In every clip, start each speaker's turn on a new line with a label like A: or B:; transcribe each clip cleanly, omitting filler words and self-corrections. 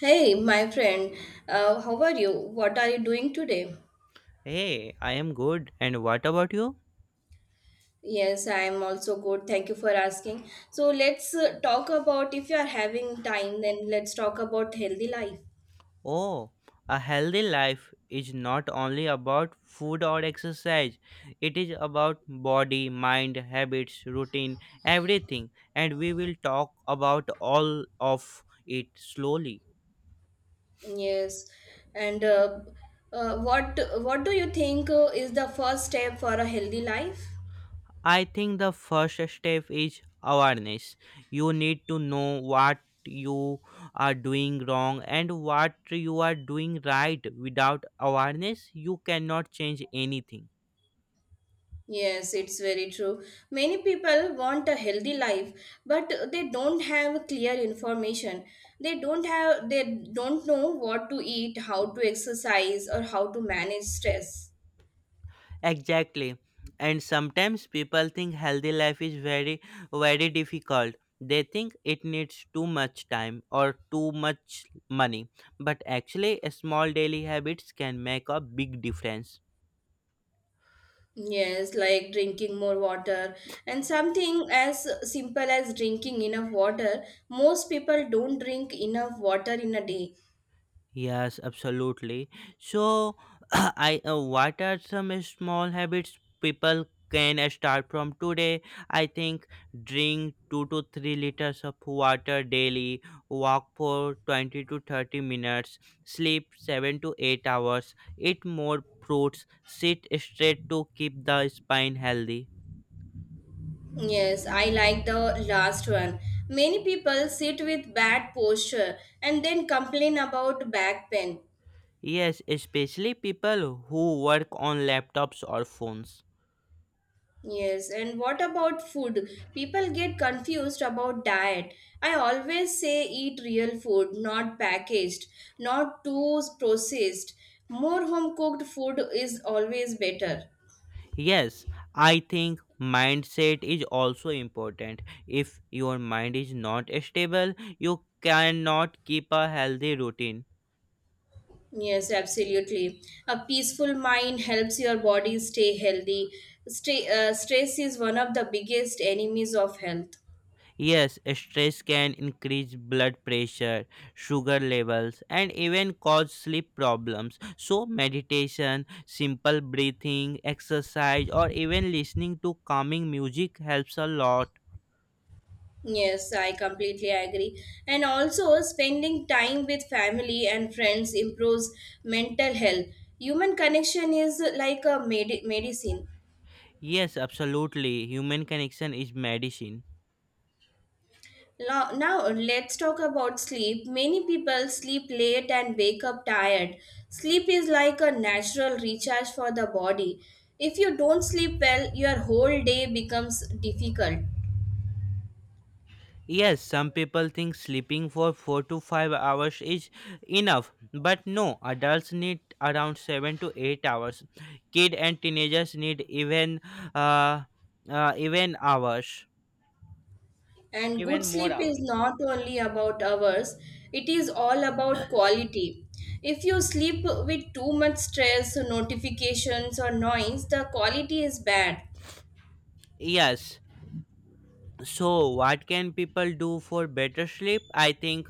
A: Hey, my friend, how are you? What are you doing today?
B: Hey, I am good. And what about you?
A: Yes, I am also good. Thank you for asking. So, let's talk about if you are having time, then let's talk about healthy life.
B: Oh, a healthy life is not only about food or exercise, it is about body, mind, habits, routine, everything. And we will talk about all of it slowly.
A: Yes, and what do you think is the first step for a healthy life?
B: I think the first step is awareness. You need to know what you are doing wrong and what you are doing right. Without awareness, you cannot change anything.
A: Yes, it's very true. Many people want a healthy life, but they don't have clear information. They don't know what to eat, how to exercise, or how to manage stress.
B: Exactly. And sometimes people think healthy life is very very difficult. They think it needs too much time or too much money. But actually small daily habits can make a big difference.
A: Yes, like drinking more water and something as simple as drinking enough water. Most people don't drink enough water in a day.
B: Yes, absolutely. So, I what are some small habits people can start from today? I think drink 2 to 3 liters of water daily, walk for 20 to 30 minutes, sleep 7 to 8 hours, eat more fruits, sit straight to keep the spine healthy.
A: Yes, I like the last one. Many people sit with bad posture and then complain about back pain.
B: Yes, especially people who work on laptops or phones.
A: Yes, and what about food? People get confused about diet. I always say eat real food, not packaged, not too processed. More home cooked food is always better.
B: Yes, I think mindset is also important. If your mind is not stable, you cannot keep a healthy routine.
A: Yes, absolutely. A peaceful mind helps your body stay healthy. Stress is one of the biggest enemies of health.
B: Yes, stress can increase blood pressure, sugar levels, and even cause sleep problems. So, meditation, simple breathing, exercise, or even listening to calming music helps a lot.
A: Yes, I completely agree. And also, spending time with family and friends improves mental health. Human connection is like a medicine.
B: Yes, absolutely. Human connection is medicine.
A: Now, let's talk about sleep. Many people sleep late and wake up tired. Sleep is like a natural recharge for the body. If you don't sleep well, your whole day becomes difficult.
B: Yes, some people think sleeping for 4 to 5 hours is enough, but no, adults need around 7 to 8 hours. Kid and teenagers need uh, even hours,
A: And good
B: even more
A: sleep is
B: hours.
A: not only about hours, it is all about quality. If you sleep with too much stress, notifications, or noise, the quality is bad.
B: Yes, so what can people do for better sleep? I think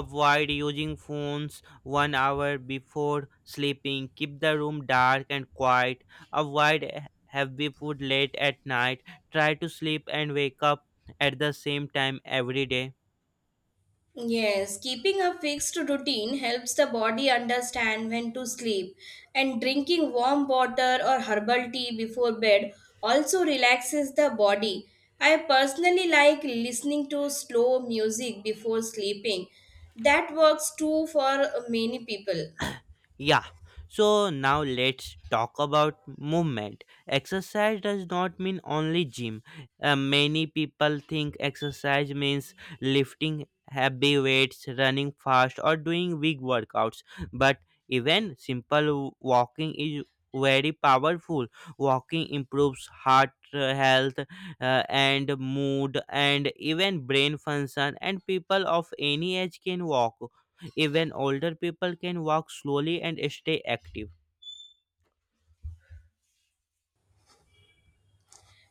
B: avoid using phones one hour before sleeping, keep the room dark and quiet, avoid heavy food late at night, try to sleep and wake up at the same time every day.
A: Yes, keeping a fixed routine helps the body understand when to sleep, and drinking warm water or herbal tea before bed also relaxes the body. I personally like listening to slow music before sleeping. That works too for many people.
B: Yeah, so now let's talk about movement. Exercise does not mean only gym. Many people think exercise means lifting heavy weights, running fast, or doing big workouts. But even simple walking is very powerful. Walking improves heart health and mood, and even brain function. And people of any age can walk. Even older people can walk slowly and stay active.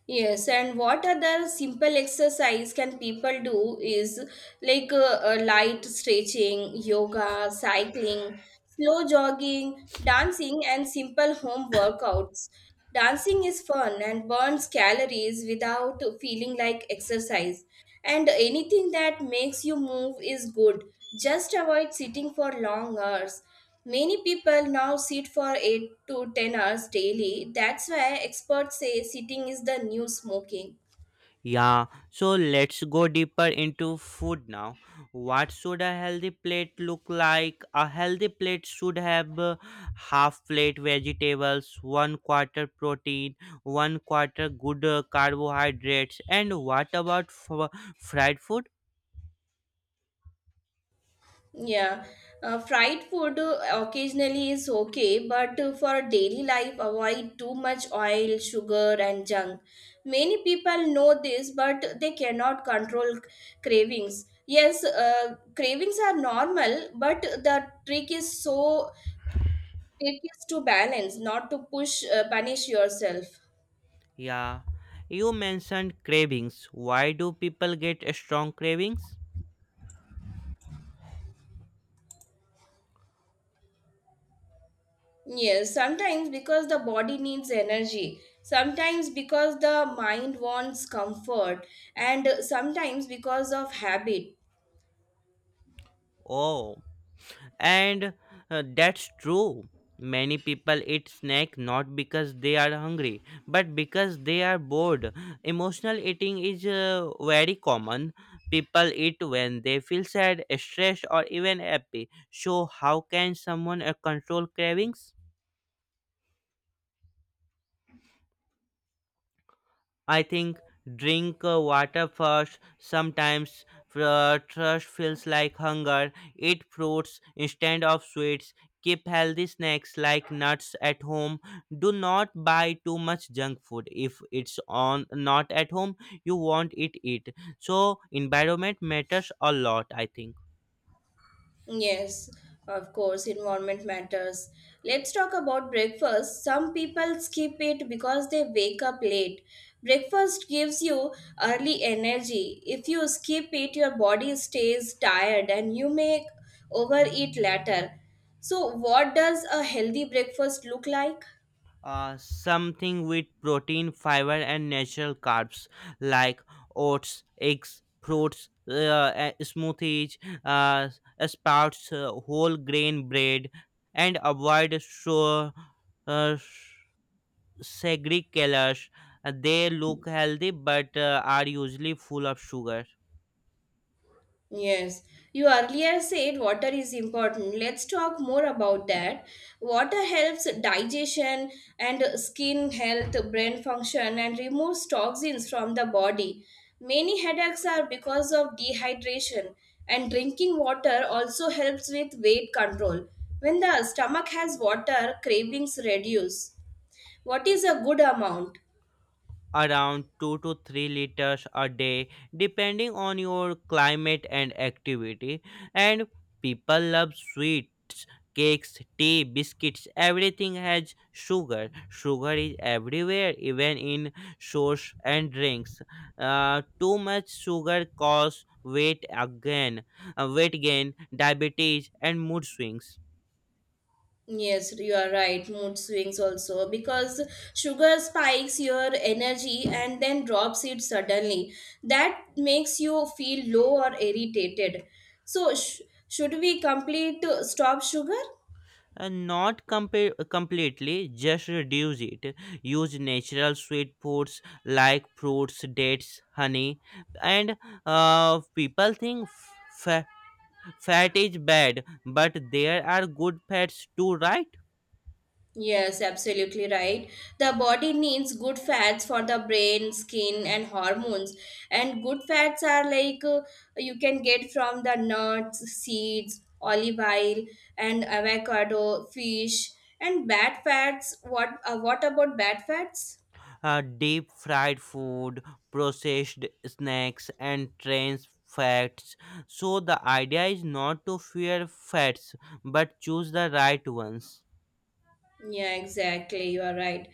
A: Yes, and what other simple exercise can people do is like light stretching, yoga, cycling, slow jogging, dancing, and simple home workouts. Dancing is fun and burns calories without feeling like exercise and anything that makes you move is good. Just avoid sitting for long hours. Many people now sit for 8 to 10 hours daily. That's why experts say sitting is the new smoking.
B: Yeah, so let's go deeper into food now. What should a healthy plate look like? A healthy plate should have half plate vegetables, one quarter protein, one quarter good carbohydrates. And what about fried food?
A: Yeah, fried food occasionally is okay, but for daily life, avoid too much oil, sugar, and junk. Many people know this, but they cannot control cravings. Yes, cravings are normal, but the trick is to balance, not to push punish yourself.
B: Yeah, you mentioned cravings. Why do people get strong cravings?
A: Yes, sometimes because the body needs energy, sometimes because the mind wants comfort, and sometimes because of habit.
B: Oh. And that's true. Many people eat snack not because they are hungry, but because they are bored. Emotional eating is very common. People eat when they feel sad, stressed, or even happy. So, how can someone control cravings? I think drink water first. Sometimes thirst feels like hunger. Eat fruits instead of sweets. Keep healthy snacks like nuts at home. Do not buy too much junk food if it's on not at home. You won't eat it. So environment matters a lot, I think.
A: Yes, of course, environment matters. Let's talk about breakfast. Some people skip it because they wake up late. Breakfast gives you early energy. If you skip it, your body stays tired and you may overeat later. So, what does a healthy breakfast look like?
B: Something with protein, fiber, and natural carbs like oats, eggs, fruits, smoothies, uh, sprouts, whole grain bread, and avoid uh, sugary colors. They look healthy but are usually full of sugar.
A: Yes, you earlier said water is important. Let's talk more about that. Water helps digestion and skin health, brain function, and removes toxins from the body. Many headaches are because of dehydration, and drinking water also helps with weight control. When the stomach has water, cravings reduce. What is a good amount?
B: Around 2 to 3 liters a day, depending on your climate and activity. And people love sweets, cakes, tea, biscuits, everything has sugar. Sugar is everywhere, even in sauce and drinks. Too much sugar causes weight again weight gain, diabetes, and mood swings.
A: Yes, you are right. Mood swings also because sugar spikes your energy and then drops it suddenly. That makes you feel low or irritated. So, should we complete stop sugar?
B: Not completely, just reduce it. Use natural sweet foods like fruits, dates, honey. And people think fa- fat is bad, but there are good fats too, right?
A: Yes, absolutely right. The body needs good fats for the brain, skin, and hormones. And good fats are like you can get from the nuts, seeds, olive oil, and avocado, fish. And bad fats, what about bad fats?
B: Deep fried food, processed snacks, and trans fats. So the idea is not to fear fats, but choose the right ones.
A: Yeah, exactly. You are right.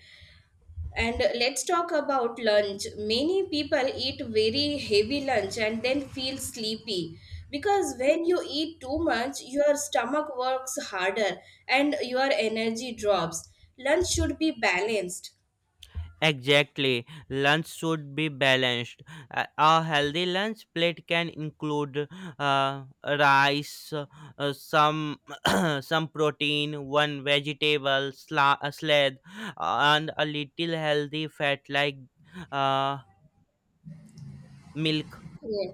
A: And let's talk about lunch. Many people eat very heavy lunch and then feel sleepy because when you eat too much, your stomach works harder and your energy drops. Lunch should be balanced.
B: Exactly. Lunch should be balanced. A healthy lunch plate can include rice, some some protein, one vegetable salad, and a little healthy fat like uh, milk.
A: Yeah.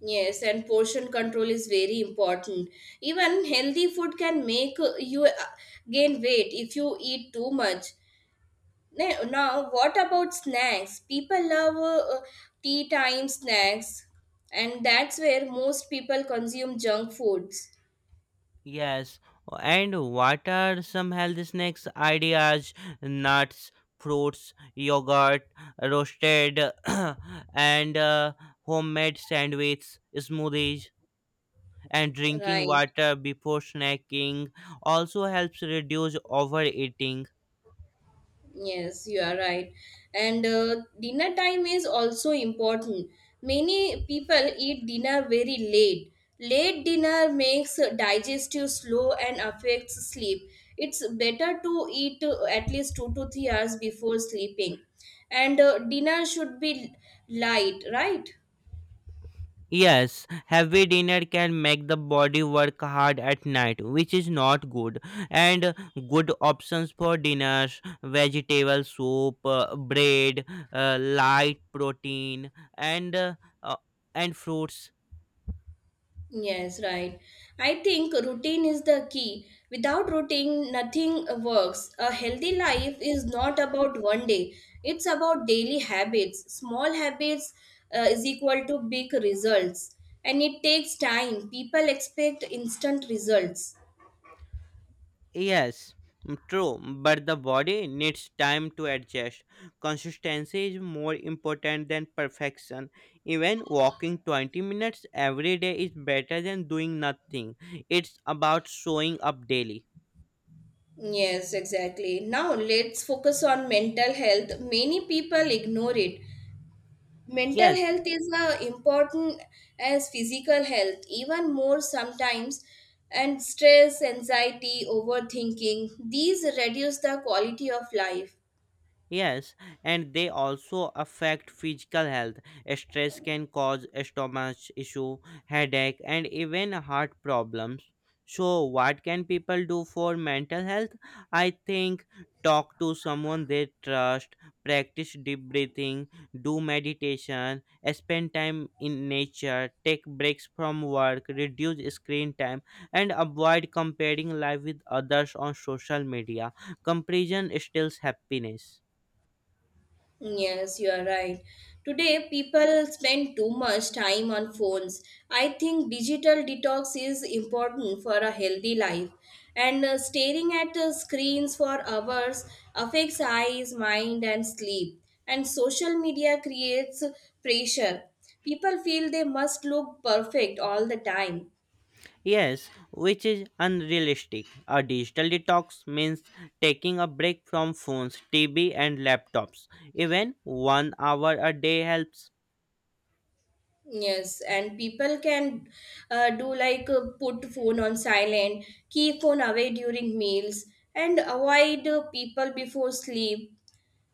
A: Yes, and portion control is very important. Even healthy food can make you gain weight if you eat too much. Now what about snacks? People love tea time snacks, and that's where most people consume junk foods.
B: Yes, and what are some healthy snacks ideas? Nuts, fruits, yogurt, roasted, and homemade sandwiches, smoothies, and drinking
A: Right.
B: water before snacking also helps reduce overeating.
A: Yes, you are right. And dinner time is also important. Many people eat dinner very late. Late dinner makes digestive slow and affects sleep. It's better to eat at least 2 to 3 hours before sleeping. And dinner should be light, right?
B: Yes, heavy dinner can make the body work hard at night, which is not good. And good options for dinners: vegetable soup, bread, light protein, and uh, uh, and fruits.
A: Yes, right. I think routine is the key. Without routine, nothing works. A healthy life is not about one day, it's about daily habits. Small habits is equal to big results, and it takes time. People expect instant results.
B: Yes, true, but the body needs time to adjust. Consistency is more important than perfection. Even walking 20 minutes every day is better than doing nothing. It's about showing up daily.
A: Yes, exactly. Now let's focus on mental health. Many people ignore it. Mental
B: Yes,
A: health is important as physical health, even more sometimes, and stress, anxiety, overthinking, these reduce the quality of life.
B: Yes, and they also affect physical health. Stress can cause stomach issue, headache, and even heart problems. So, what can people do for mental health? I think talk to someone they trust, practice deep breathing, do meditation, spend time in nature, take breaks from work, reduce screen time, and avoid comparing life with others on social media. Comparison steals happiness.
A: Yes, you are right. Today, people spend too much time on phones. I think digital detox is important for a healthy life. And staring at screens for hours affects eyes, mind, and sleep. And social media creates pressure. People feel they must look perfect all the time.
B: Yes, which is unrealistic. A digital detox means taking a break from phones, TV, and laptops. Even one hour a day helps.
A: Yes, and people can do like put phone on silent, keep phone away during meals, and avoid people before sleep,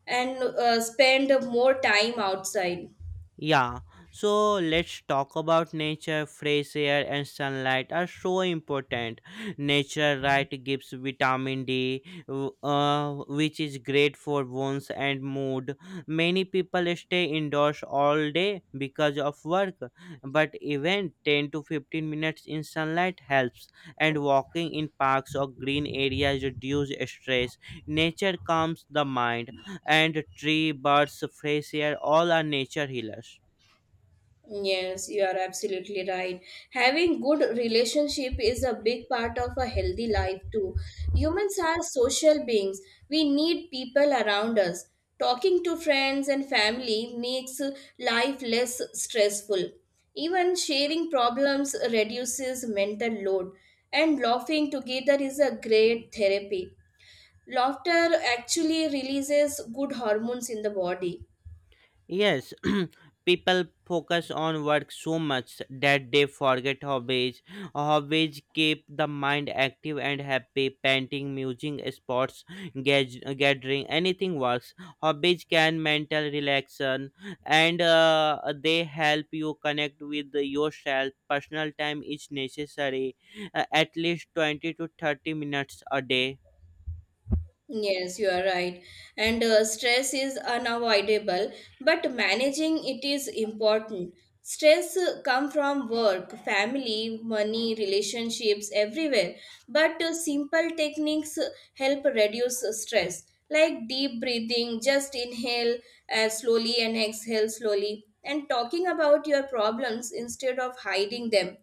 A: and spend more time outside.
B: Yeah, so let's talk about nature. Fresh air and sunlight are so important. Nature, right, gives vitamin D, which is great for bones and mood. Many people stay indoors all day because of work, but even 10 to 15 minutes in sunlight helps, and walking in parks or green areas reduce stress. Nature calms the mind, and tree, birds, fresh air, all are nature healers.
A: Yes, you are absolutely right. Having good relationship is a big part of a healthy life too. Humans are social beings. We need people around us. Talking to friends and family makes life less stressful. Even sharing problems reduces mental load, and laughing together is a great therapy. Laughter actually releases good hormones in the body.
B: Yes, people focus on work so much that they forget hobbies. Hobbies keep the mind active and happy. Painting, music, sports, gathering, anything works. Hobbies can mental relaxation, and they help you connect with yourself. Personal time is necessary, at least 20 to 30 minutes a day.
A: Yes, you are right. And stress is unavoidable, but managing it is important. Stress come from work, family, money, relationships, everywhere. But simple techniques help reduce stress like deep breathing, just inhale slowly and exhale slowly, and talking about your problems instead of hiding them.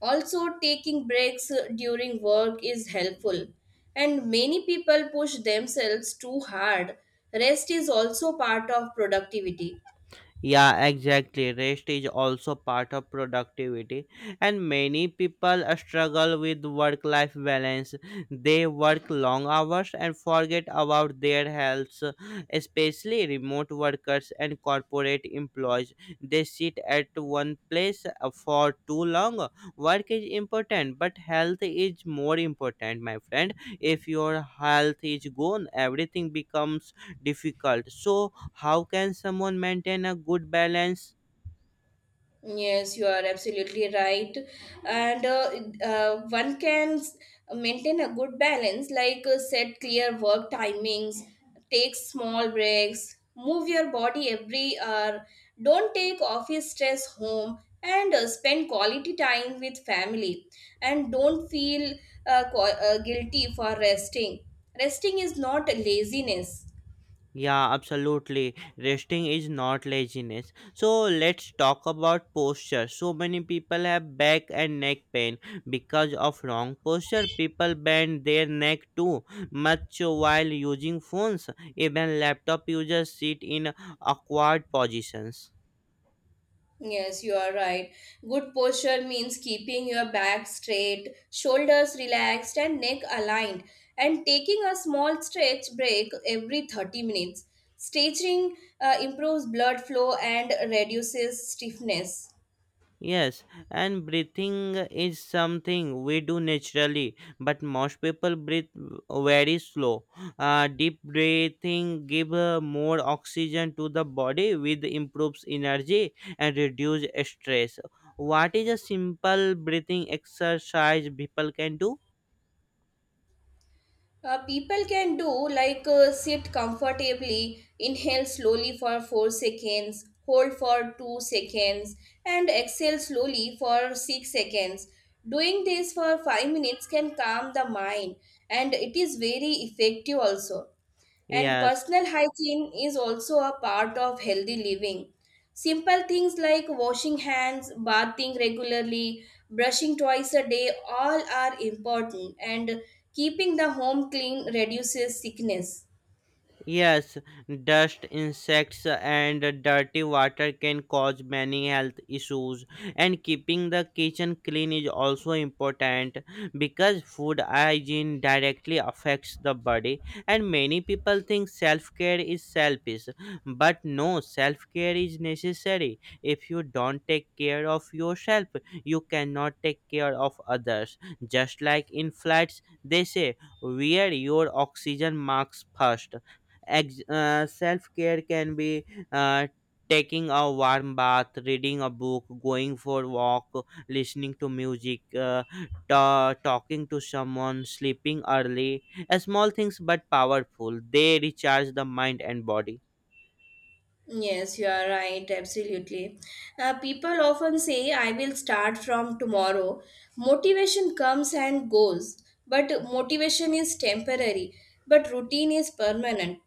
A: Also, taking breaks during work is helpful, and many people push themselves too hard. Rest is also part of productivity.
B: Yeah, exactly. Rest is also part of productivity, and many people struggle with work life balance. They work long hours and forget about their health, especially remote workers and corporate employees. They sit at one place for too long. Work is important, but health is more important, my friend. If your health is gone, everything becomes difficult. So, how can someone maintain a good balance?
A: Yes, you are absolutely right. And one can maintain a good balance, like set clear work timings, take small breaks, move your body every hour, don't take office stress home, and spend quality time with family. And don't feel guilty for resting. Resting is not laziness.
B: Yeah, absolutely. Resting is not laziness. So, let's talk about posture. So, many people have back and neck pain because of wrong posture. People bend their neck too much while using phones. Even laptop users sit in awkward positions.
A: Yes, you are right. Good posture means keeping your back straight, shoulders relaxed, and neck aligned, and taking a small stretch break every 30 minutes. Stretching improves blood flow and reduces stiffness.
B: Yes, and breathing is something we do naturally, but most people breathe very slow. Deep breathing give more oxygen to the body, which improves energy and reduce stress. What is a simple breathing exercise people can do?
A: People can do like sit comfortably, inhale slowly for 4 seconds, hold for 2 seconds, and exhale slowly for 6 seconds. Doing this for 5 minutes can calm the mind and it is very effective also. And
B: Yes.
A: personal hygiene is also a part of healthy living. Simple things like washing hands, bathing regularly, brushing twice a day, all are important. And keeping the home clean reduces sickness.
B: Yes, dust, insects, and dirty water can cause many health issues. And keeping the kitchen clean is also important because food hygiene directly affects the body. And many people think self care is selfish, but no, self care is necessary. If you don't take care of yourself, you cannot take care of others. Just like in flats, they say, wear your oxygen mask first. Self care can be uh, taking a warm bath, reading a book, going for a walk, listening to music, talking to someone, sleeping early. Small things but powerful. They recharge the mind and body.
A: Yes, you are right, absolutely. People often say, I will start from tomorrow. Motivation comes and goes, but motivation is temporary, but routine is permanent.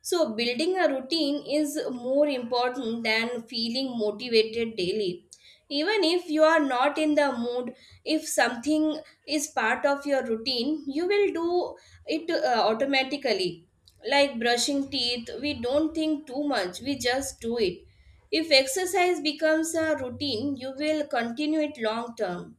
A: So, building a routine is more important than feeling motivated daily. Even if you are not in the mood, if something is part of your routine, you will do it automatically. Like brushing teeth, we don't think too much, we just do it. If exercise becomes a routine, you will continue it long term.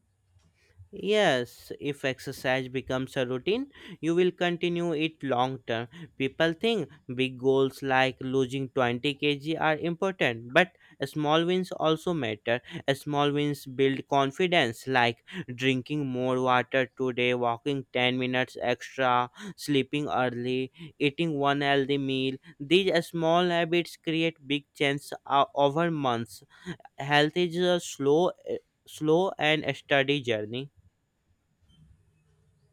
B: Yes, if exercise becomes a routine, you will continue it long term. People think big goals like losing 20 kg are important, but small wins also matter. Small wins build confidence, like drinking more water today, walking 10 minutes extra, sleeping early, eating one healthy meal. These small habits create big changes over months. Health is a slow and steady journey.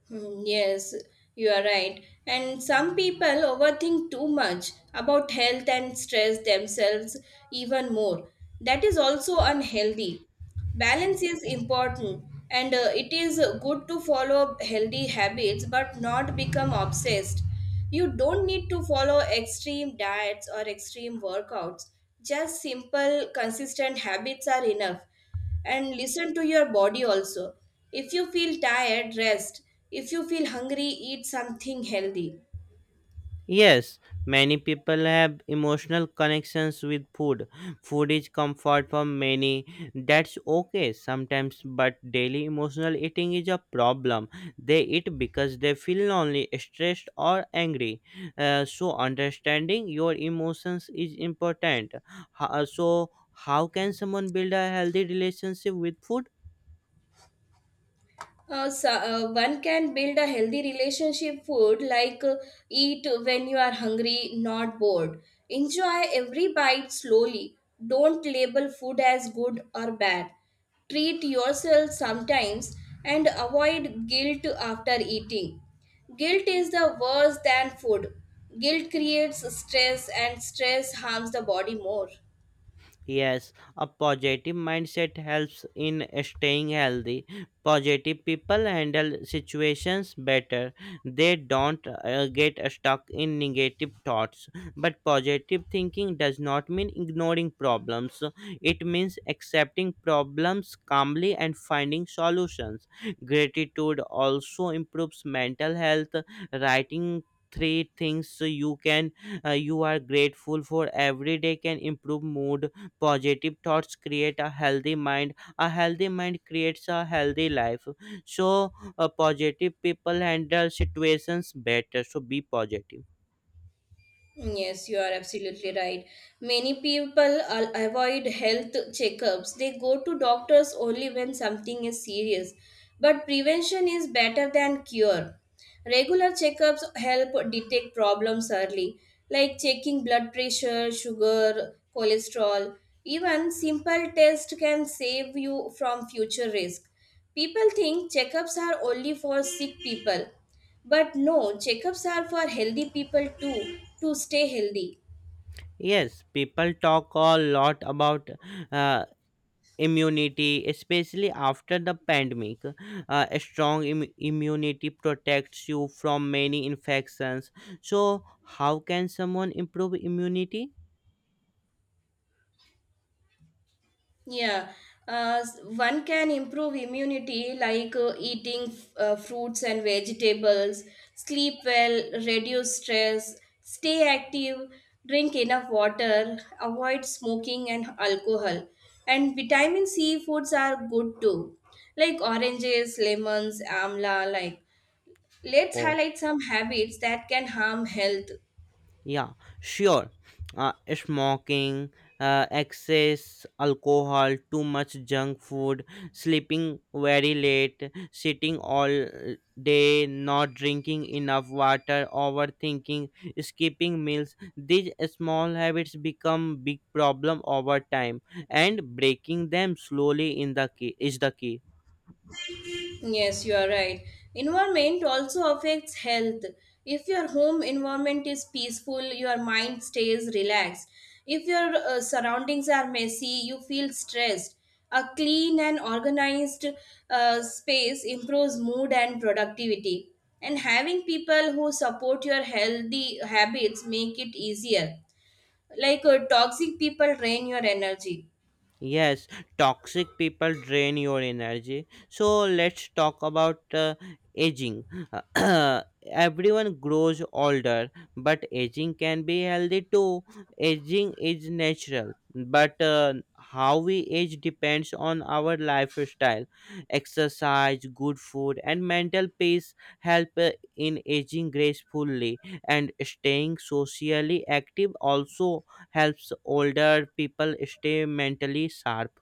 A: Hmm. Yes, you are right. And some people overthink too much about health and stress themselves even more. That is also unhealthy. Balance is important, and it is good to follow healthy habits but not become obsessed. You don't need to follow extreme diets or extreme workouts. Just simple, consistent habits are enough, and listen to your body also. If you feel tired, rest. If you feel hungry, eat something healthy.
B: Yes, many people have emotional connections with food. Food is comfort for many. That's okay sometimes, but daily emotional eating is a problem. They eat because they feel lonely, stressed, or angry. So, understanding your emotions is important. So, how can someone build a healthy relationship with food?
A: One can build a healthy relationship food like eat when you are hungry, not bored. Enjoy every bite slowly. Don't label food as good or bad. Treat yourself sometimes, and avoid guilt after eating. Guilt is the worse than food. Guilt creates stress and stress harms the body more.
B: Yes, a positive mindset helps in staying healthy. Positive people handle situations better. They don't get stuck in negative thoughts. But positive thinking does not mean ignoring problems. It means accepting problems calmly and finding solutions. Gratitude also improves mental health. Writing three things you are grateful for every day can improve mood. Positive thoughts create a healthy mind. A healthy mind creates a healthy life. So, positive people handle situations better, so be positive.
A: Yes, you are absolutely right. Many people avoid health checkups. They go to doctors only when something is serious. But prevention is better than cure. Regular checkups help detect problems early, like checking blood pressure, sugar, cholesterol. Even simple tests can save you from future risk. People think checkups are only for sick people, but no, checkups are for healthy people too, to stay healthy.
B: Yes, people talk a lot about uh, immunity, especially after the pandemic. A strong immunity protects you from many infections. So, how can someone improve immunity?
A: Yeah. One can improve immunity like eating fruits and vegetables, sleep well, reduce stress, stay active, drink enough water, avoid smoking and alcohol. And vitamin C foods are good too, like oranges, lemons, amla. Like, let's
B: Oh.
A: highlight some habits that can harm health.
B: Yeah, sure. Smoking, excess alcohol, too much junk food, sleeping very late, sitting all day, not drinking enough water, overthinking, skipping meals. These small habits become big problem over time, and breaking them slowly in the key is the key.
A: Yes, you are right. Environment also affects health. If your home environment is peaceful, your mind stays relaxed. If your surroundings are messy, you feel stressed. A clean and organized space improves mood and productivity. And having people who support your healthy habits make it easier. Like toxic people drain your energy.
B: Yes, toxic people drain your energy. So let's talk about aging. Everyone grows older, but aging can be healthy too. Aging is natural, but how we age depends on our lifestyle. Exercise, good food, and mental peace help in aging gracefully, and staying socially active also helps older people stay mentally sharp.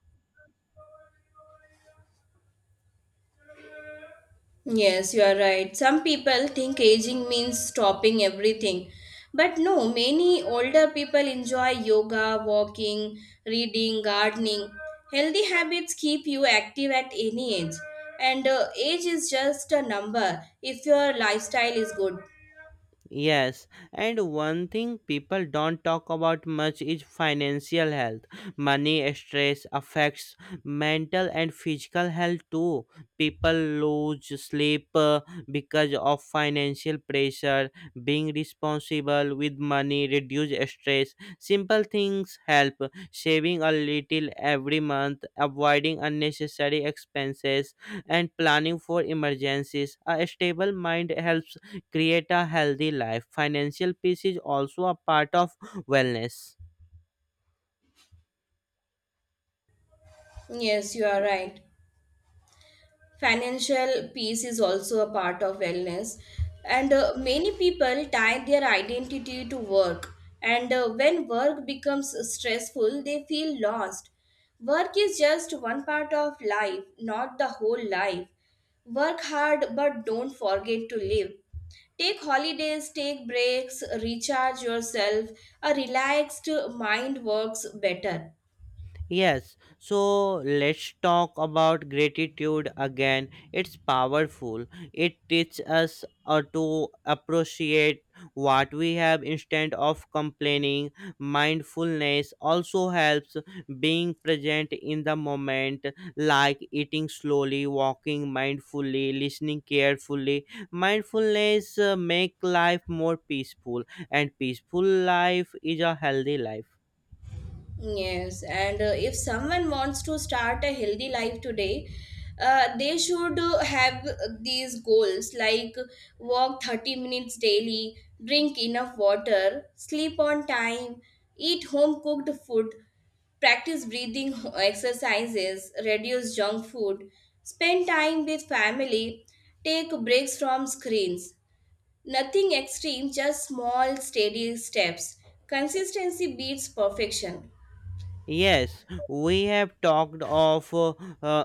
A: Yes, you are right. Some people think aging means stopping everything. But no, many older people enjoy yoga, walking, reading, gardening. Healthy habits keep you active at any age. And age is just a number if your lifestyle is good.
B: Yes, and one thing people don't talk about much is financial health. Money stress affects mental and physical health too. People lose sleep because of financial pressure. Being responsible with money reduces stress. Simple things help. Saving a little every month, avoiding unnecessary expenses, and planning for emergencies. A stable mind helps create a healthy life. Financial peace is also a part of wellness.
A: Yes, you are right. Financial peace is also a part of wellness, and many people tie their identity to work, and when work becomes stressful they feel lost. Work is just one part of life, not the whole life. Work hard but don't forget to live. Take holidays, take breaks, recharge yourself. A relaxed mind works better.
B: Yes, so let's talk about gratitude again. It's powerful. It teaches us to appreciate what we have instead of complaining. Mindfulness also helps being present in the moment, like eating slowly, walking mindfully, listening carefully. Mindfulness make life more peaceful, and peaceful life is a healthy life.
A: Yes, and if someone wants to start a healthy life today, they should have these goals like walk 30 minutes daily, drink enough water, sleep on time, eat home cooked food, practice breathing exercises, reduce junk food, spend time with family, take breaks from screens. Nothing extreme, just small, steady steps. Consistency beats perfection.
B: Yes, we have talked of uh,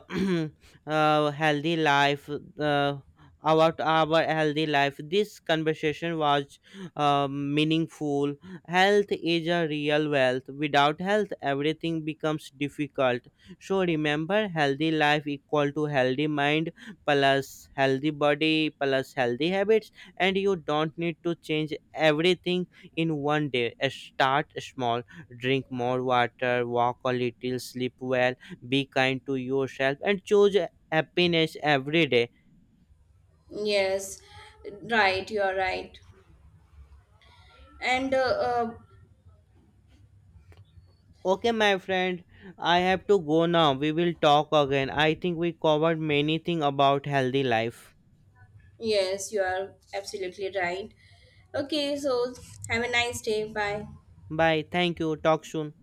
B: healthy life, uh, about our healthy life. This conversation was meaningful. Health is a real wealth. Without health, everything becomes difficult. So remember, healthy life equal to healthy mind plus healthy body plus healthy habits, and you don't need to change everything in one day. Start small. Drink more water, walk a little, sleep well, be kind to yourself, and choose happiness every day.
A: Yes, right, you are right. And
B: Okay, my friend, I have to go now. We will talk again. I think we covered many things about healthy life.
A: Yes, you are absolutely right. Okay, so have a nice day. Bye.
B: Bye. Thank you. Talk soon.